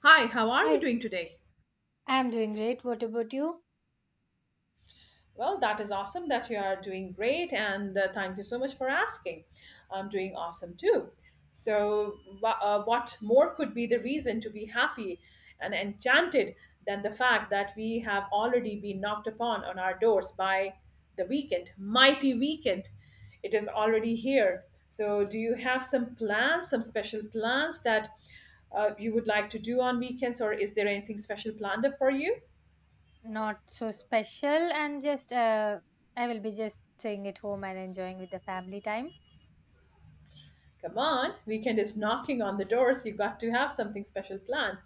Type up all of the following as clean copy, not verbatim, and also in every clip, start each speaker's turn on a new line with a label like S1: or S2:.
S1: Hi, how are you
S2: Hi,
S1: doing today?
S2: I'm doing great. What about you?
S1: Well, that is awesome that you are doing great, and thank you so much for asking. I'm doing awesome too. So, what more could be the reason to be happy and enchanted than the fact that we have already been knocked upon on our doors by the weekend, mighty weekend? It is already here. So, do you have some plans, some special plans that you would like to do on weekends, or is there anything special planned up for you?
S2: Not so special, and just I will be just staying at home and enjoying with the family time.
S1: Come on, weekend is knocking on the door, so you got to have something special planned.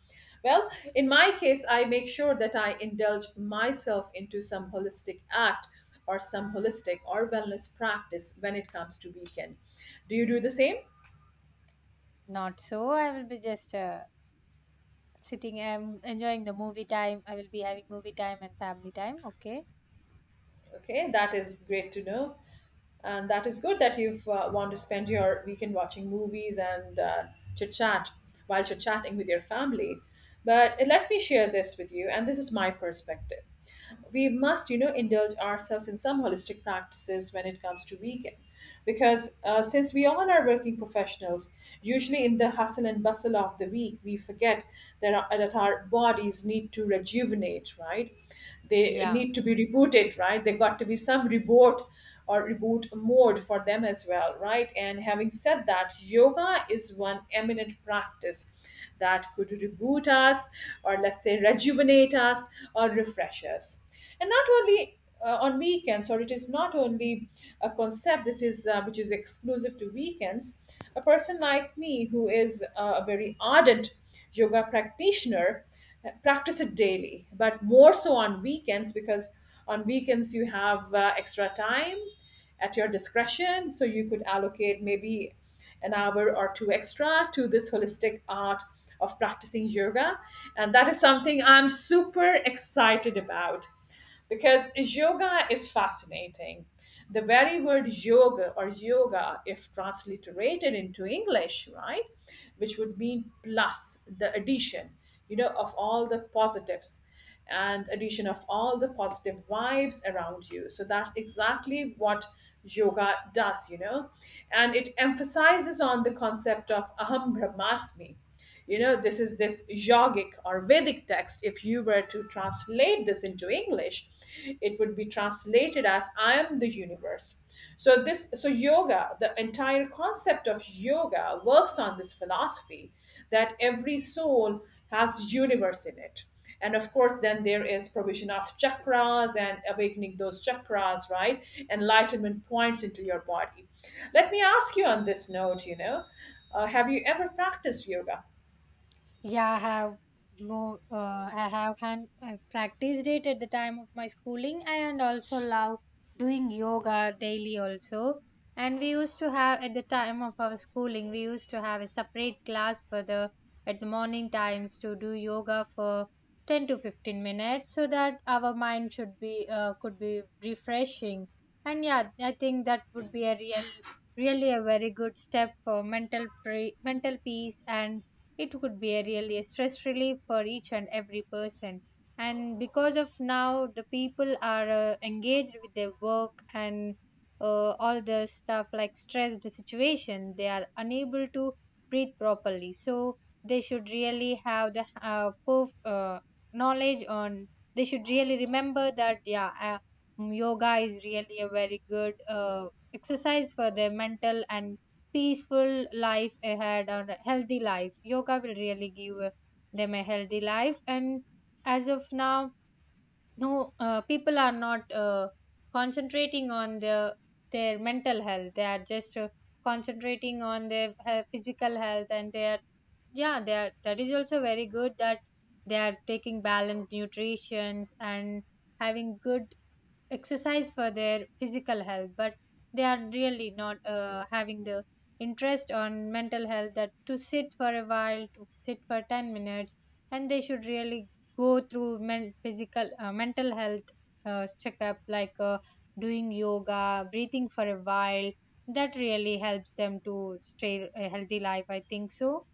S1: Well, in my case, I make sure that I indulge myself into some holistic act or some holistic or wellness practice when it comes to weekend. Do you do the same?
S2: Not so. I will be just sitting and enjoying the movie time. I will be having movie time and family time. Okay.
S1: Okay, that is great to know. And that is good that you want to spend your weekend watching movies and chit chat while chit chatting with your family. But let me share this with you, and this is my perspective. We must, you know, indulge ourselves in some holistic practices when it comes to vegan, because since we all are working professionals, usually in the hustle and bustle of the week, we forget that our bodies need to rejuvenate, right? They
S2: Yeah.
S1: need to be rebooted, right? They got to be some reboot or reboot mode for them as well, right? And having said that, yoga is one eminent practice that could reboot us, or let's say rejuvenate us, or refresh us. And not only on weekends, or it is not only a concept, this is which is exclusive to weekends. A person like me who is a very ardent yoga practitioner, practice it daily, but more so on weekends, because on weekends you have extra time at your discretion, so you could allocate maybe an hour or two extra to this holistic art of practicing yoga. And that is something I'm super excited about, because yoga is fascinating. The very word yoga, or yoga, if transliterated into English, right, which would mean plus, the addition, you know, of all the positives and addition of all the positive vibes around you. So that's exactly what yoga does, you know, and it emphasizes on the concept of aham brahmasmi. You know, this is this yogic or Vedic text. If you were to translate this into English, it would be translated as I am the universe. So this so yoga, the entire concept of yoga works on this philosophy that every soul has universe in it. And of course then there is provision of chakras and awakening those chakras, right? Enlightenment points into your body. Let me ask you on this note, you know, have you ever practiced yoga?
S2: Yeah, I have no, I have hand, I practiced it at the time of my schooling, and also love doing yoga daily also. And we used to have at the time of our schooling, we used to have a separate class for the at the morning times to do yoga for 10 to 15 minutes, so that our mind should be could be refreshing. And yeah, I think that would be really a very good step for mental pre mental peace, and it would be a really stress relief for each and every person. And because of now the people are engaged with their work, and all the stuff like stressed situation, they are unable to breathe properly. So they should really have the knowledge on, they should really remember that yoga is really a very good exercise for their mental and peaceful life ahead and a healthy life. Yoga will really give them a healthy life. And as of now, no people are not concentrating on their mental health. They are just concentrating on their physical health, and they are yeah, they are. That is also very good that they are taking balanced nutritions and having good exercise for their physical health, but they are really not having the interest on mental health, that to sit for a while, to sit for 10 minutes. And they should really go through men- physical mental health checkup like doing yoga breathing for a while. That really helps them to stay a healthy life, I think so.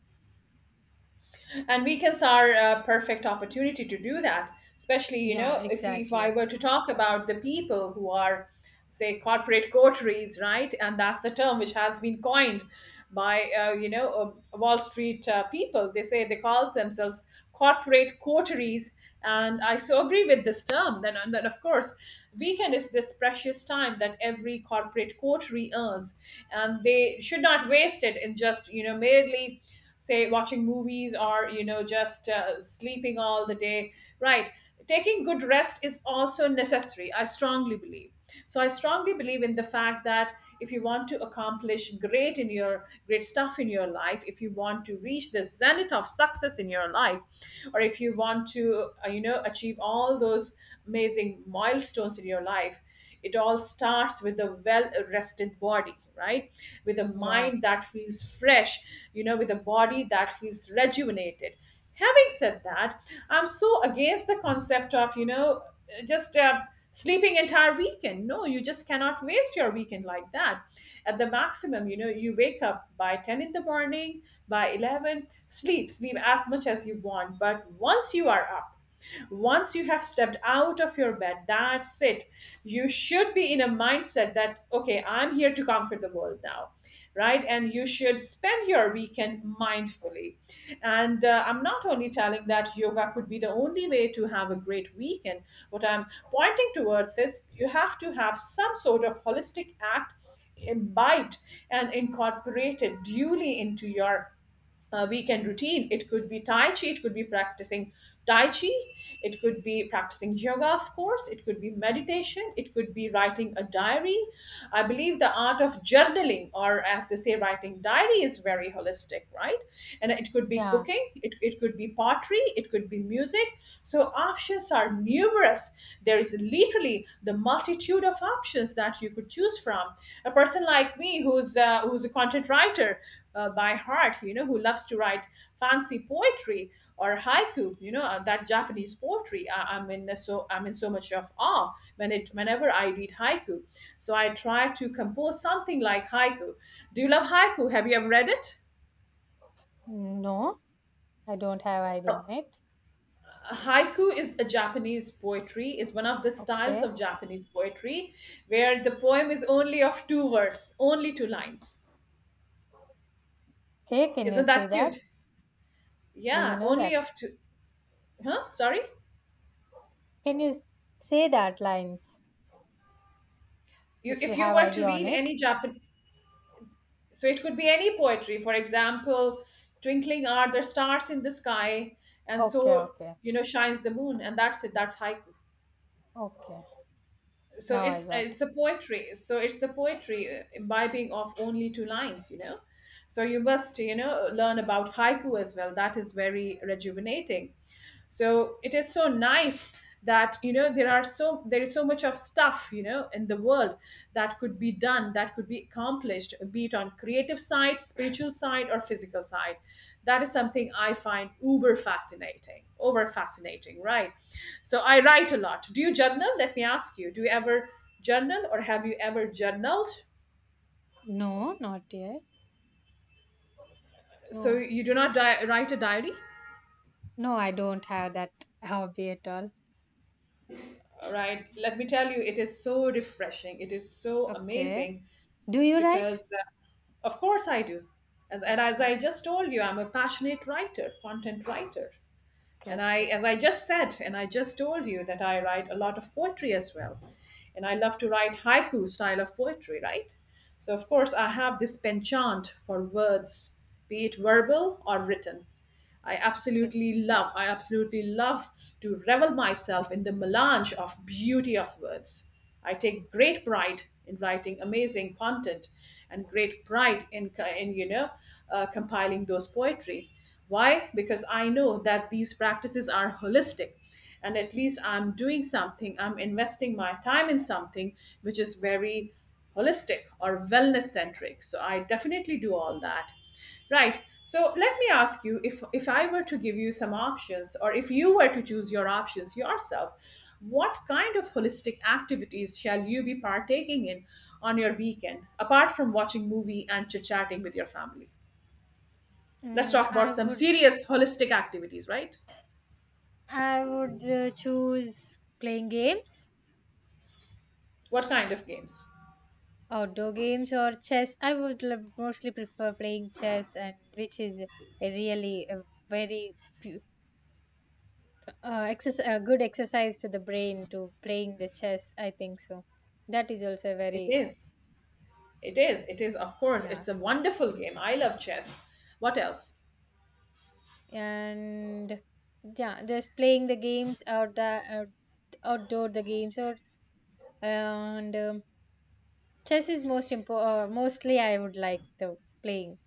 S1: And weekends are a perfect opportunity to do that, especially, you
S2: Yeah,
S1: know, if I
S2: exactly.
S1: were to talk about the people who are, say, corporate coteries, right? And that's the term which has been coined by, you know, wall street people. They say, they call themselves corporate coteries, and I so agree with this term. Then, and then of course, weekend is this precious time that every corporate coterie earns, and they should not waste it in just, you know, merely, say, watching movies, or you know, just sleeping all the day, right? Taking good rest is also necessary, I strongly believe. So I strongly believe in the fact that if you want to accomplish great in your, great stuff in your life, if you want to reach the zenith of success in your life, or if you want to you know, achieve all those amazing milestones in your life, it all starts with a well rested body, right? With a
S2: Yeah,
S1: mind that feels fresh, you know, with a body that feels rejuvenated. Having said that, I'm so against the concept of, you know, just sleeping entire weekend. No, you just cannot waste your weekend like that. At the maximum, you know, you wake up by 10 in the morning, by 11, sleep, sleep as much as you want. But once you are up, once you have stepped out of your bed, that's it. You should be in a mindset that, okay, I'm here to conquer the world now. Right, and you should spend your weekend mindfully. And I'm not only telling that yoga could be the only way to have a great weekend. What I'm pointing towards is you have to have some sort of holistic act imbibed and incorporated duly into your weekend routine. It could be Tai Chi, it could be practicing Tai Chi, it could be practicing yoga, of course, it could be meditation, it could be writing a diary. I believe the art of journaling, or as they say, writing diary, is very holistic, right? And it could be
S2: yeah.
S1: cooking, it could be pottery, it could be music. So options are numerous. There is literally the multitude of options that you could choose from. A person like me, who's a content writer by heart, you know, who loves to write fancy poetry or haiku, you know, that Japanese poetry. I'm in so much of awe when it whenever I read haiku. So I try to compose something like haiku. Do you love haiku? Have you ever read it?
S2: No, I don't have idea on it.
S1: Haiku is a Japanese poetry, is one of the styles
S2: Okay,
S1: of Japanese poetry, where the poem is only of two words, only two lines.
S2: okay. Can you
S1: Isn't
S2: say
S1: that cute?
S2: that? Do you
S1: Yeah,
S2: know
S1: only
S2: that?
S1: of two. Huh? Sorry.
S2: Can you say that lines
S1: You,
S2: if you
S1: if you
S2: have
S1: were to
S2: idea on
S1: read
S2: it?
S1: any Japanese, so it could be any poetry. For example, twinkling are the stars in the sky, and
S2: Okay,
S1: so,
S2: okay,
S1: you know, shines the moon. And that's it, that's haiku.
S2: okay.
S1: So
S2: Now I got it.
S1: it's a poetry. So it's the poetry imbibing of only two lines, you know. So you must, you know, learn about haiku as well. That is very rejuvenating. So it is so nice that, you know, there is so much of stuff, you know, in the world that could be done, that could be accomplished, be it on creative side, spiritual side, or physical side. That is something I find uber fascinating, right? So I write a lot. Do you journal? Let me ask you, do you ever journal, or have you ever journaled?
S2: No, not yet.
S1: So
S2: No,
S1: you do not write a diary?
S2: no, I don't have that hobby at all.
S1: All right, let me tell you, it is so refreshing, it is so
S2: Okay.
S1: amazing.
S2: Do you write?
S1: Because of course I do. And as
S2: Okay,
S1: I just told you, I'm a passionate writer, content writer.
S2: okay,
S1: And I,
S2: okay,
S1: as I just said, and I just told you, that I write a lot of poetry as well. And I love to write haiku style of poetry, right? So, of course, I have this penchant for words, be it verbal or written. I
S2: okay.
S1: absolutely love, I absolutely love to revel myself in the melange of beauty of words. I take great pride in writing amazing content and great pride in, you know, compiling those poetry. Why? Because I know that these practices are holistic, and at least I'm doing something, I'm investing my time in something which is very holistic or wellness centric. So I definitely do all that. Right. So let me ask you, if I were to give you some options, or if you were to choose your options yourself, what kind of holistic activities shall you be partaking in on your weekend, apart from watching movie and chit-chatting with your family? Let's
S2: Mm,
S1: talk about some serious holistic activities, right?
S2: I would choose playing games,
S1: What kind of games?
S2: outdoor games or chess. I would mostly prefer playing chess, and which is a really a very pu- exercise, good exercise to the brain to playing the chess, I think so. That is also
S1: It
S2: very
S1: is. It is. It is, of course.
S2: yeah.
S1: It's a wonderful game. I love chess. What else?
S2: And yeah, just playing the games out, outdoor the games or and chess is mostly I would like the playing.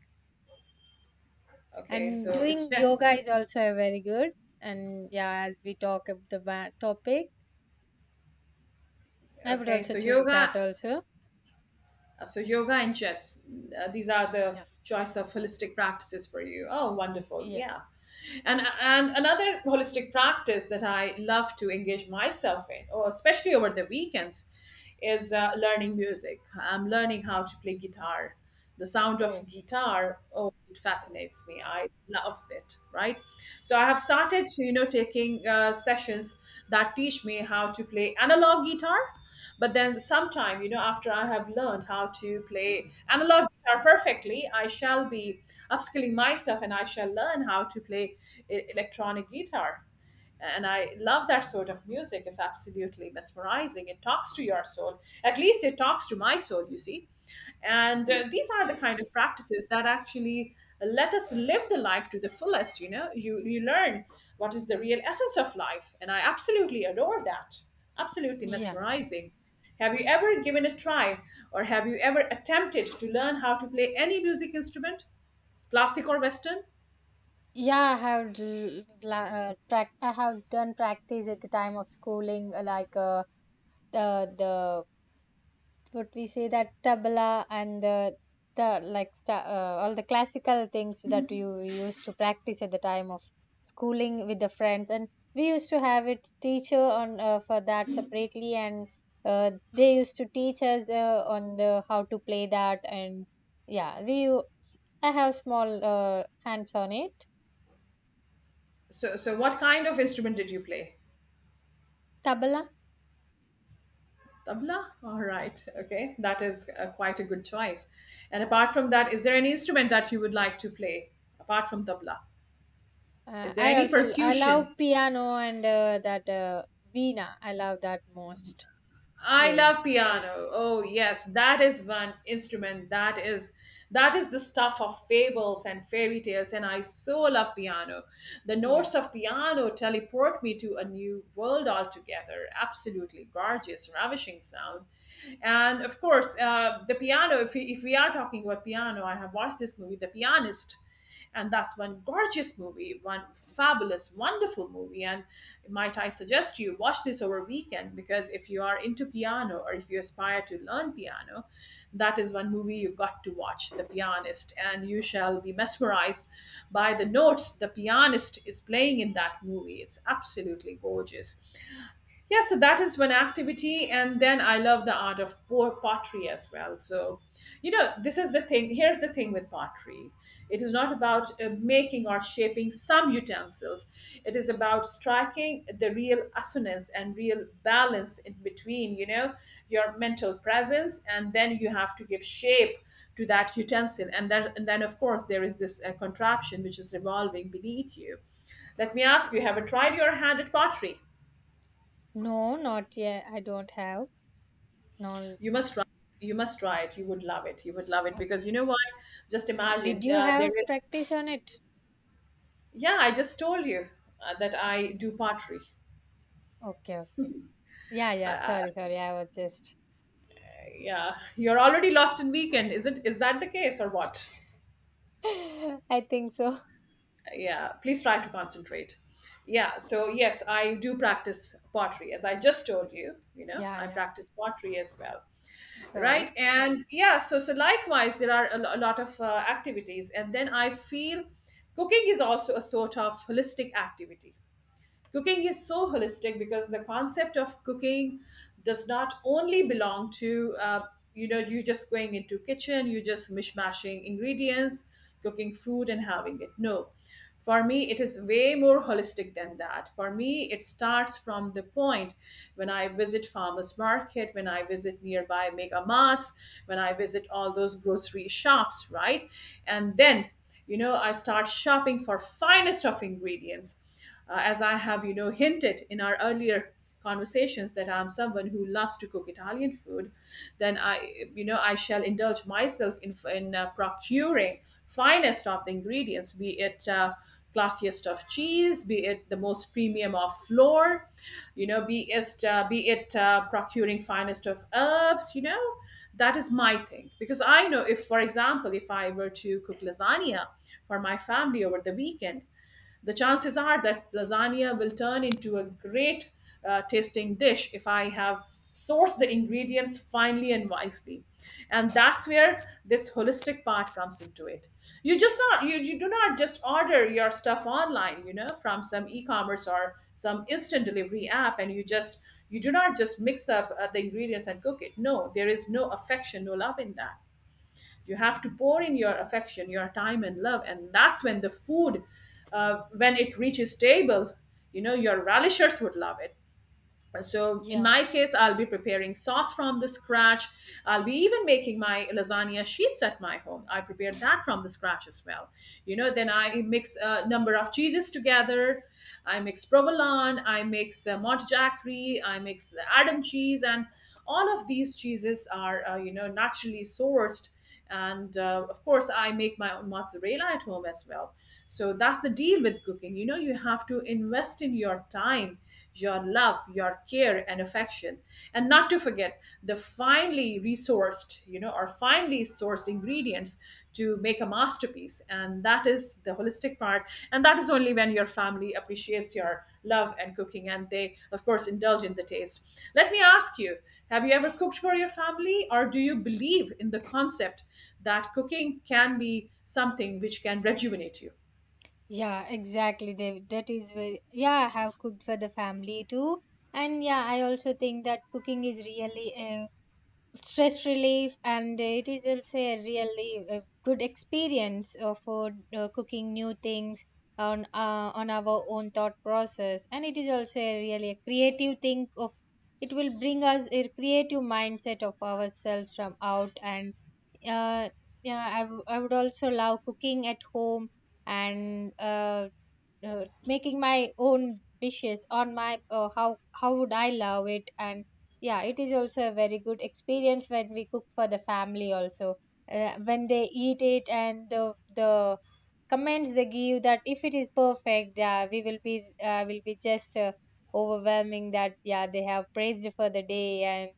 S1: Okay,
S2: And
S1: so it's
S2: doing
S1: chess.
S2: yoga is also a very good. And yeah, as we talk of the topic, I would
S1: Okay,
S2: also
S1: so
S2: choose that
S1: yoga.
S2: also.
S1: So yoga and chess, these are the
S2: Yeah,
S1: choice of holistic practices for you. Oh, wonderful.
S2: yeah.
S1: Yeah. And another holistic practice that I love to engage myself in, or especially over the weekends, is learning music. I'm learning how to play guitar. The sound
S2: Oh,
S1: of guitar, oh, it fascinates me. I love it, right? So I have started, you know, taking sessions that teach me how to play analog guitar. But then sometime, you know, after I have learned how to play analog guitar perfectly, I shall be upskilling myself and I shall learn how to play electronic guitar. And I love that sort of music. It's absolutely mesmerizing. It talks to your soul, at least it talks to my soul, you see. And these are the kind of practices that actually let us live the life to the fullest. You know, you learn what is the real essence of life, and I absolutely adore that. Absolutely
S2: yeah.
S1: mesmerizing. Have you ever given a try, or have you ever attempted to learn how to play any music instrument, classic or western?
S2: I have done practice at the time of schooling, like the what we say that tabla and the all the classical things that you used to practice at the time of schooling with the friends. And we used to have it teacher on for that separately, and they used to teach us on the how to play that. And yeah, we I have small hands on it.
S1: So what kind of instrument did you play?
S2: Tabla.
S1: Tabla? All right. Okay. That is quite a good choice. And apart from that, is there any instrument that you would like to play apart from tabla? Is there
S2: I
S1: any
S2: also I
S1: percussion?
S2: love piano and that veena. I love that most
S1: I
S2: playing.
S1: love piano. Oh yes, that is one instrument that is the stuff of fables and fairy tales, and I so love piano. The
S2: Yeah.
S1: notes of piano teleport me to a new world altogether. Absolutely gorgeous, ravishing sound. And of course, the piano, if we are talking about piano, I have watched this movie The Pianist, and that's one gorgeous movie, one fabulous wonderful movie. And might I suggest you watch this over weekend, because if you are into piano or if you aspire to learn piano, that is one movie you got to watch, The Pianist, and you shall be mesmerized by the notes the pianist is playing in that movie. It's absolutely gorgeous. Yeah, so that is one activity. And then I love the art of pottery as well. So, you know, this is the thing. Here's the thing with pottery: it is not about making or shaping some utensils, it is about striking the real assonance and real balance in between, you know, your mental presence, and then you have to give shape to that utensil. And that, and then of course there is this contraption which is revolving beneath you. Let me ask you, have you tried your hand at pottery?
S2: No, not yet, I don't have. No.
S1: You must try. You must try it, you would love it, you would love it,
S2: Okay.
S1: because you know what, just
S2: Did
S1: imagine,
S2: you
S1: there
S2: have
S1: is.
S2: practice on it?
S1: Yeah, I just told you that I do pottery.
S2: Okay, okay. Ok. Yeah, yeah. Sorry, sorry. I was just.
S1: Yeah, you're already lost in weekend, is it, is that the case or what?
S2: I think so.
S1: Yeah, please try to concentrate. Yeah, so yes, I do practice pottery, as I just told you, you know,
S2: Yeah,
S1: I
S2: yeah.
S1: practice pottery as well,
S2: Sorry.
S1: right? And yeah, so likewise there are a lot of activities. And then I feel cooking is also a sort of holistic activity. Cooking is so holistic because the concept of cooking does not only belong to you know, you just going into kitchen, you just mishmashing ingredients, cooking food and having it. No, for me it is way more holistic than that. For me it starts from the point when I visit farmers market, when I visit nearby mega marts, when I visit all those grocery shops, right? And then, you know, I start shopping for finest of ingredients, as I have, you know, hinted in our earlier conversations that I'm someone who loves to cook Italian food. Then I, you know, I shall indulge myself in, procuring finest of the ingredients, be it classiest of cheese, be it the most premium of flour, you know, be it procuring finest of herbs, you know, that is my thing. Because I know if, for example, if I were to cook lasagna for my family over the weekend, the chances are that lasagna will turn into a great tasting dish if I have sourced the ingredients finely and wisely. And that's where this holistic part comes into it. You do not just order your stuff online, you know, from some e-commerce or some instant delivery app, and you just you do not just mix up the ingredients and cook it. No, there is no affection, no love in that. You have to pour in your affection, your time and love, and that's when the food, when it reaches table, you know, your relishers would love it. So in
S2: Yeah.
S1: my case, I'll be preparing sauce from the scratch. I'll be even making my lasagna sheets at my home. I prepared that from the scratch as well, you know. Then I mix a number of cheeses together. I mix provolone, I mix montegiacri, I mix adam cheese, and all of these cheeses are you know, naturally sourced. And of course I make my own mozzarella at home as well. So that's the deal with cooking. You know, you have to invest in your time, your love, your care and affection, and not to forget the finely resourced, you know, or finely sourced ingredients to make a masterpiece. And that is the holistic part, and that is only when your family appreciates your love and cooking, and they of course indulge in the taste. Let me ask you, have you ever cooked for your family, or do you believe in the concept that cooking can be something which can rejuvenate you?
S2: Yeah, exactly. They, that is very. Yeah, I have cooked for the family too. And yeah, I also think that cooking is really a stress relief, and it is also a really a good experience for cooking new things on our own thought process. And it is also a really a creative thing of, it will bring us a creative mindset of ourselves from out. And uh, yeah, I, I would also love cooking at home, and making my own dishes on my how would I love it. And yeah, it is also a very good experience when we cook for the family also, when they eat it and the comments they give that if it is perfect, we will be just overwhelming that yeah, they have praised for the day. And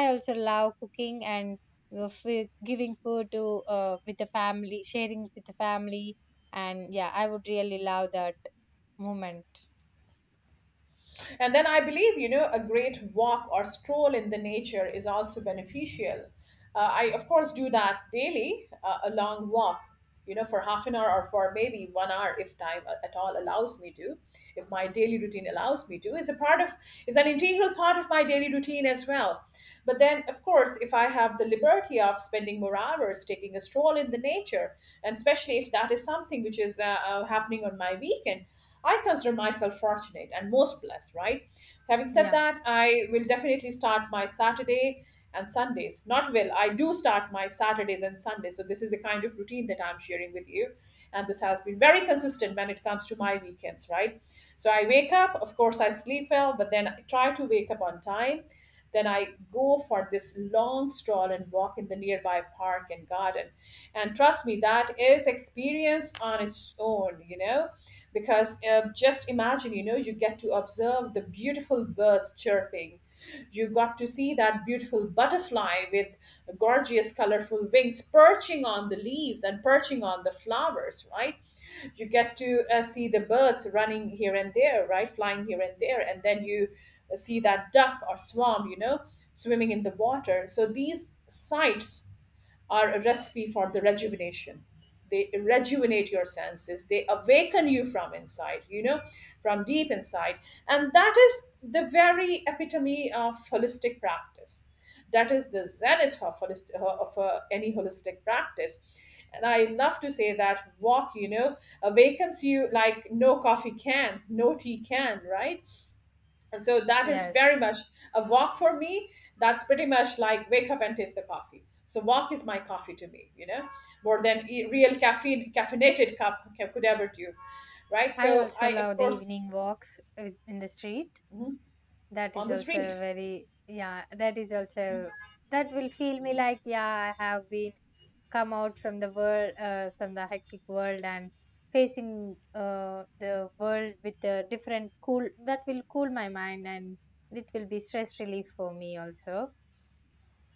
S2: I also love cooking, and giving food to with the family, sharing with the family. And yeah, I would really love that moment.
S1: And then I believe, you know, a great walk or stroll in the nature is also beneficial. I, of course, do that daily, a long walk, you know, for half an hour or for maybe 1 hour if at all allows me to, if my daily routine allows me to, is a part of, is an integral part of my daily routine as well. But then, of course, if I have the liberty of spending more hours taking a stroll in the nature, and especially if that is something which is happening on my weekend, I consider myself fortunate and most blessed, right? Having said
S2: Yeah,
S1: that, I will definitely start my Saturday and Sundays. Not will, I do start my Saturdays and Sundays. So, this is a kind of routine that I'm sharing with you. And this has been very consistent when it comes to my weekends, right? So, I wake up, of course, I sleep well, but then I try to wake up on time. Then I go for this long stroll and walk in the nearby park and garden. And trust me, that is experience on its own. You know, because just imagine, you know, you get to observe the beautiful birds chirping, you got to see that beautiful butterfly with gorgeous colorful wings perching on the leaves and perching on the flowers, right? You get to see the birds running here and there, right, flying here and there, and then you see that duck or swan, you know, swimming in the water. So these sights are a recipe for the rejuvenation. They rejuvenate your senses. They awaken you from inside, you know, from deep inside. And that is the very epitome of holistic practice. That is the zenith of, any holistic practice. And I love to say that walk, you know, awakens you like no coffee can, no tea can, right? So that is very
S2: yes.
S1: much a walk for me. That's pretty much like wake up and taste the coffee. So walk is my coffee to me, you know, more than real caffeine caffeinated cup could ever do, right?
S2: I
S1: So
S2: also
S1: I of
S2: love the
S1: course.
S2: evening walks in the street.
S1: Mhm.
S2: That
S1: On
S2: is
S1: the
S2: also a
S1: street.
S2: very, yeah, that is also, that will feel me like, yeah, I have been come out from the world, from the hectic world and facing uh, the world with a different cool, that will cool my mind. And it will be stress relief for me also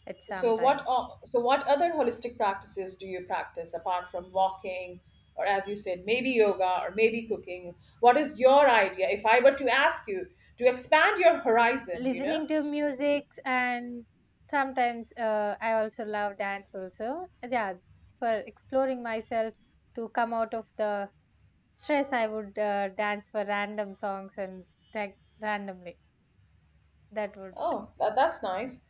S2: at some
S1: So what
S2: times.
S1: so what other holistic practices do you practice apart from walking, or as you said, maybe yoga or maybe cooking? What is your idea, if I were to ask you to expand your horizon, you know?
S2: Listening to music, and sometimes I also love dance also. Yeah, for exploring myself to come out of the stress, I would dance for random songs and like randomly, that would.
S1: Oh, that, that's nice.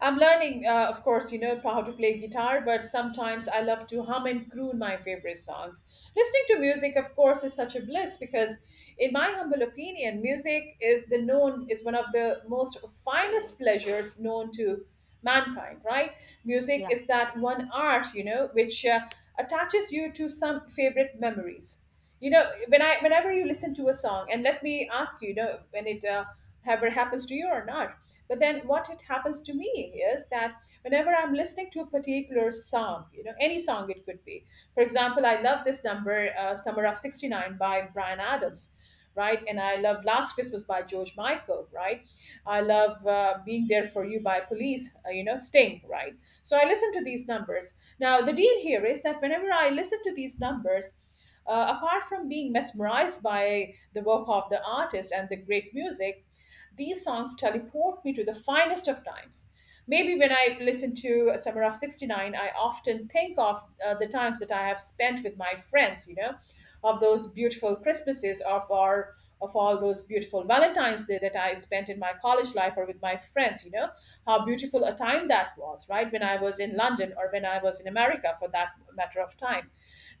S1: I'm learning, of course, you know, how to play guitar, but sometimes I love to hum and croon my favorite songs. Listening to music, of course, is such a bliss because, in my humble opinion, music is the known, is one of the most finest pleasures known to mankind, right? Music
S2: Yeah.
S1: is that one art, you know, which attaches you to some favorite memories. You know, whenever you listen to a song, and let me ask you, you know, when it ever happens to you or not, but then what it happens to me is that whenever I'm listening to a particular song, you know, any song, it could be, for example, I love this number, Summer of 69 by Brian Adams, right? And I love Last Christmas by George Michael, right? I love Being There For You by Police, you know, Sting, right? So I listen to these numbers. Now the deal here is that whenever I listen to these numbers, apart from being mesmerized by the work of the artist and the great music, these songs teleport me to the finest of times. Maybe when I listen to Summer of 69, I often think of the times that I have spent with my friends, you know, of those beautiful Christmases, of all those beautiful Valentine's Day that I spent in my college life or with my friends, you know, how beautiful a time that was, right? When I was in London or when I was in America for that matter of time.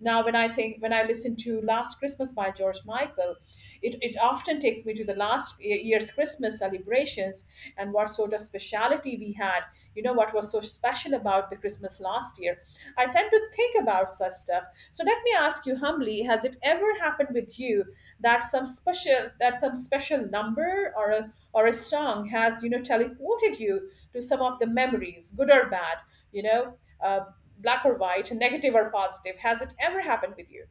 S1: Now, when I think, when I listen to Last Christmas by George Michael, it often takes me to the last year's Christmas celebrations and what sort of speciality we had, what was so special about the Christmas last year. I tend to think about such stuff. So let me ask you humbly, has it ever happened with you that some special number or a song has teleported you to some of the memories, good or bad, you know, uh, black or white, negative or positive. Has it ever happened with you?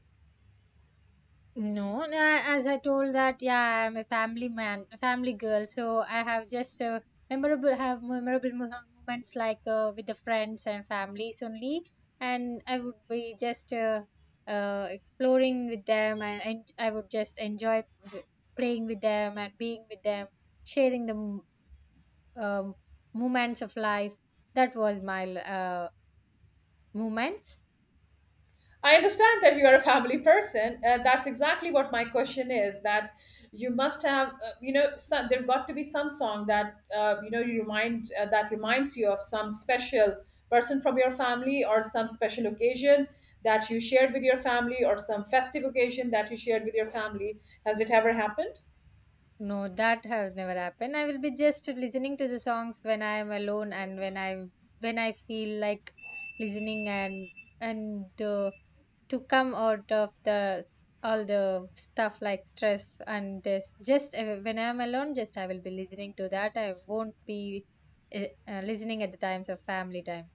S2: No, as I told that, yeah, I'm a family man, a family girl. So I have just memorable have memorable moments like with the friends and families only. And I would be just exploring with them. And I would just enjoy playing with them and being with them, sharing the um, moments of life. That was my moments.
S1: I understand that you are a family person. That's exactly what my question is. That you must have, there got to be some song that you know you remind that reminds you of some special person from your family or some special occasion that you shared with your family or some festive occasion that you shared with your family. Has it ever happened?
S2: No, that has never happened. I will be just listening to the songs when I am alone, and when I feel like listening. And and uh, to come out of the all the stuff like stress and this. Just when I am alone, just I will be listening to that. I won't be listening at the times of family time.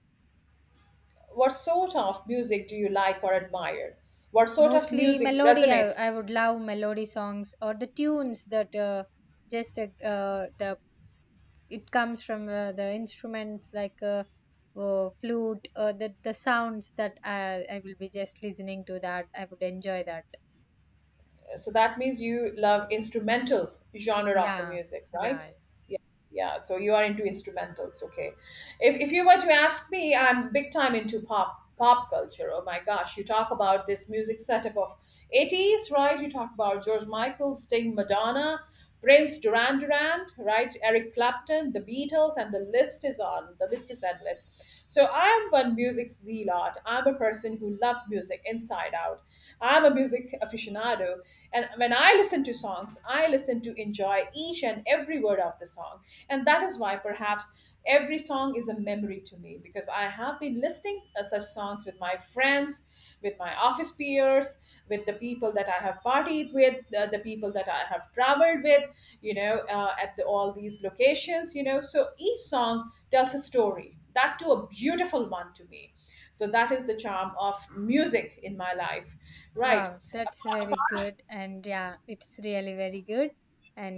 S1: What sort of music do you like or admire? What sort of
S2: Mostly
S1: music
S2: melody. I
S1: resonates?
S2: would love melody songs or the tunes that just the it comes from the instruments like flute, the sounds that I will be just listening to that, I would enjoy that.
S1: So that means you love instrumental genre of the
S2: Yeah,
S1: music, right?
S2: yeah.
S1: Yeah, yeah. So you are into instrumentals, okay. If you were to ask me, I'm big time into pop culture. Oh my gosh, you talk about this music setup of 80s, right? You talk about George Michael, Sting, Madonna, Prince, Duran Duran, right? Eric Clapton, the Beatles, and the list is endless. So I'm one music zealot, I'm a person who loves music inside out. I'm a music aficionado, and when I listen to songs, I listen to enjoy each and every word of the song. And that is why perhaps every song is a memory to me, because I have been listening such songs with my friends, with my office peers, with the people that I have partied with, the people that I have traveled with, you know, at all these locations, you know. So each song tells a story, that too, a beautiful one to me. So that is the charm of music in my life, right?
S2: Wow, that's very good. And yeah, it's really very good.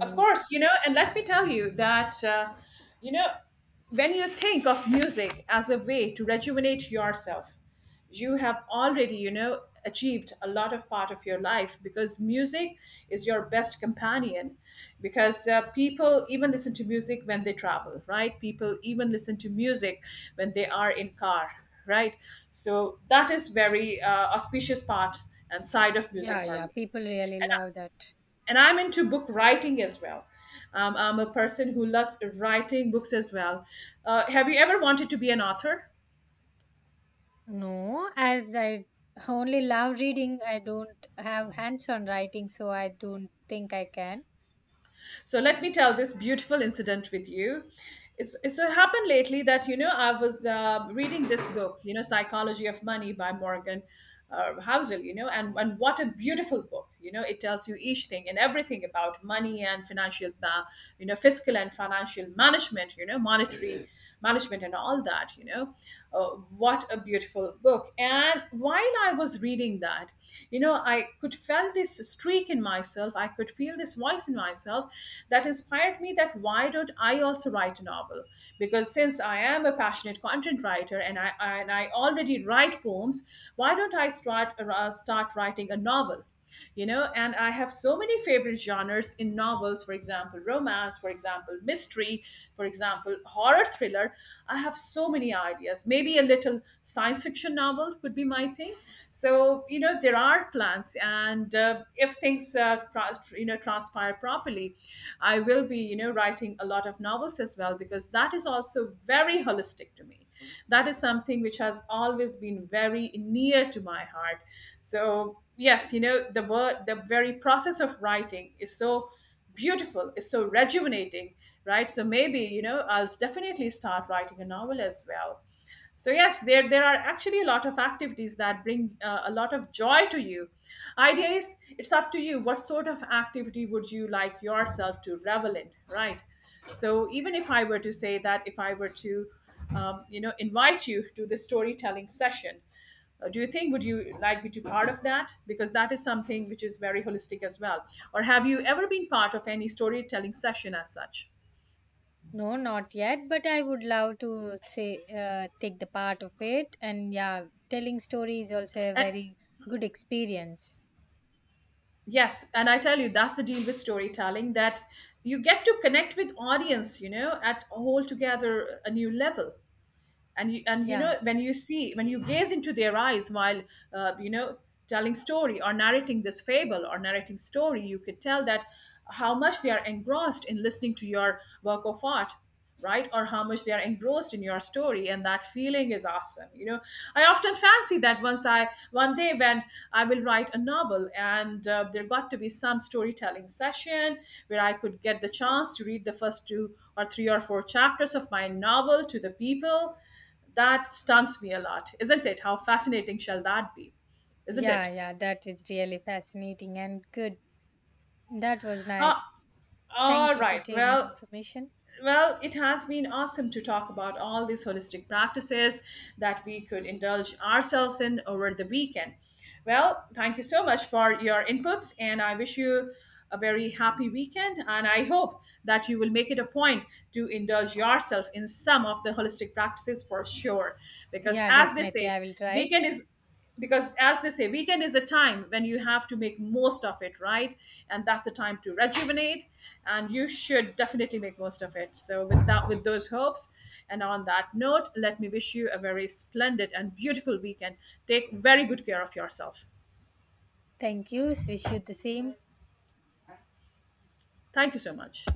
S1: Of course, you know, and let me tell you that, you know, when you think of music as a way to rejuvenate yourself, you have already, you know, achieved a lot of part of your life, because music is your best companion. Because people even listen to music when they travel, right? People even listen to music when they are in car, right? So that is very auspicious part and side of music
S2: yeah,
S1: for
S2: yeah,
S1: me.
S2: people really love that.
S1: And I'm into book writing as well. I'm a person who loves writing books as well. Have you ever wanted to be an author?
S2: No, as I only love reading, I don't have hands on writing, so I don't think I can.
S1: So let me tell this beautiful incident with you. It's so happened lately that you know I was reading this book, you know, Psychology of Money by Morgan Housel, you know, and what a beautiful book, you know. It tells you each thing and everything about money and financial, you know, fiscal and financial management, you know, monetary management and all that, you know. uh, what a beautiful book. And while I was reading that, you know, I could felt this streak in myself, I could feel this voice in myself that inspired me that why don't I also write a novel. Because since I am a passionate content writer, and I already write poems, why don't I start writing a novel, you know. And I have so many favorite genres in novels, for example romance, for example mystery, for example horror thriller. I have so many ideas, maybe a little science fiction novel could be my thing. So you know, there are plans, and if things you know transpire properly, I will be, you know, writing a lot of novels as well, because that is also very holistic to me. That is something which has always been very near to my heart. So, yes, you know, the word, the very process of writing is so beautiful, is so rejuvenating, right? So maybe, you know, I'll definitely start writing a novel as well. So yes, there are actually a lot of activities that bring a lot of joy to you. Idea is it's up to you. What sort of activity would you like yourself to revel in, right? So even if I were to say that, if I were to, you know, invite you to the storytelling session, do you think would you like me to part of that? Because that is something which is very holistic as well. Or have you ever been part of any storytelling session as such?
S2: No, not yet, but I would love to say take the part of it. And yeah, telling story is also a
S1: And
S2: very good experience.
S1: yes, and I tell you, that's the deal with storytelling, that you get to connect with audience, you know, at a whole together a new level. And you, and you
S2: Yeah,
S1: know, when you see, when you gaze into their eyes while uh, you know telling story or narrating this fable or narrating story, you could tell that how much they are engrossed in listening to your work of art, right? Or how much they are engrossed in your story, and that feeling is awesome, you know. I often fancy that once I one day when I will write a novel, and there got to be some storytelling session where I could get the chance to read the first two or three or four chapters of my novel to the people, that stuns me a lot, isn't it? How fascinating shall that be, isn't
S2: yeah,
S1: it?
S2: yeah. That is really fascinating and good. That was nice.
S1: Ah,
S2: Thank
S1: all
S2: you for
S1: right.
S2: taking
S1: Well,
S2: information.
S1: well, it has been awesome to talk about all these holistic practices that we could indulge ourselves in over the weekend. Well, thank you so much for your inputs, and I wish you a very happy weekend. And I hope that you will make it a point to indulge yourself in some of the holistic practices for sure, because
S2: Yeah,
S1: as they
S2: definitely,
S1: say,
S2: I will try.
S1: weekend is because as they say, weekend is a time when you have to make most of it, right? And that's the time to rejuvenate, and you should definitely make most of it. So with that, with those hopes, and on that note, let me wish you a very splendid and beautiful weekend. Take very good care of yourself.
S2: Thank you. Wish you the same.
S1: Thank you so much.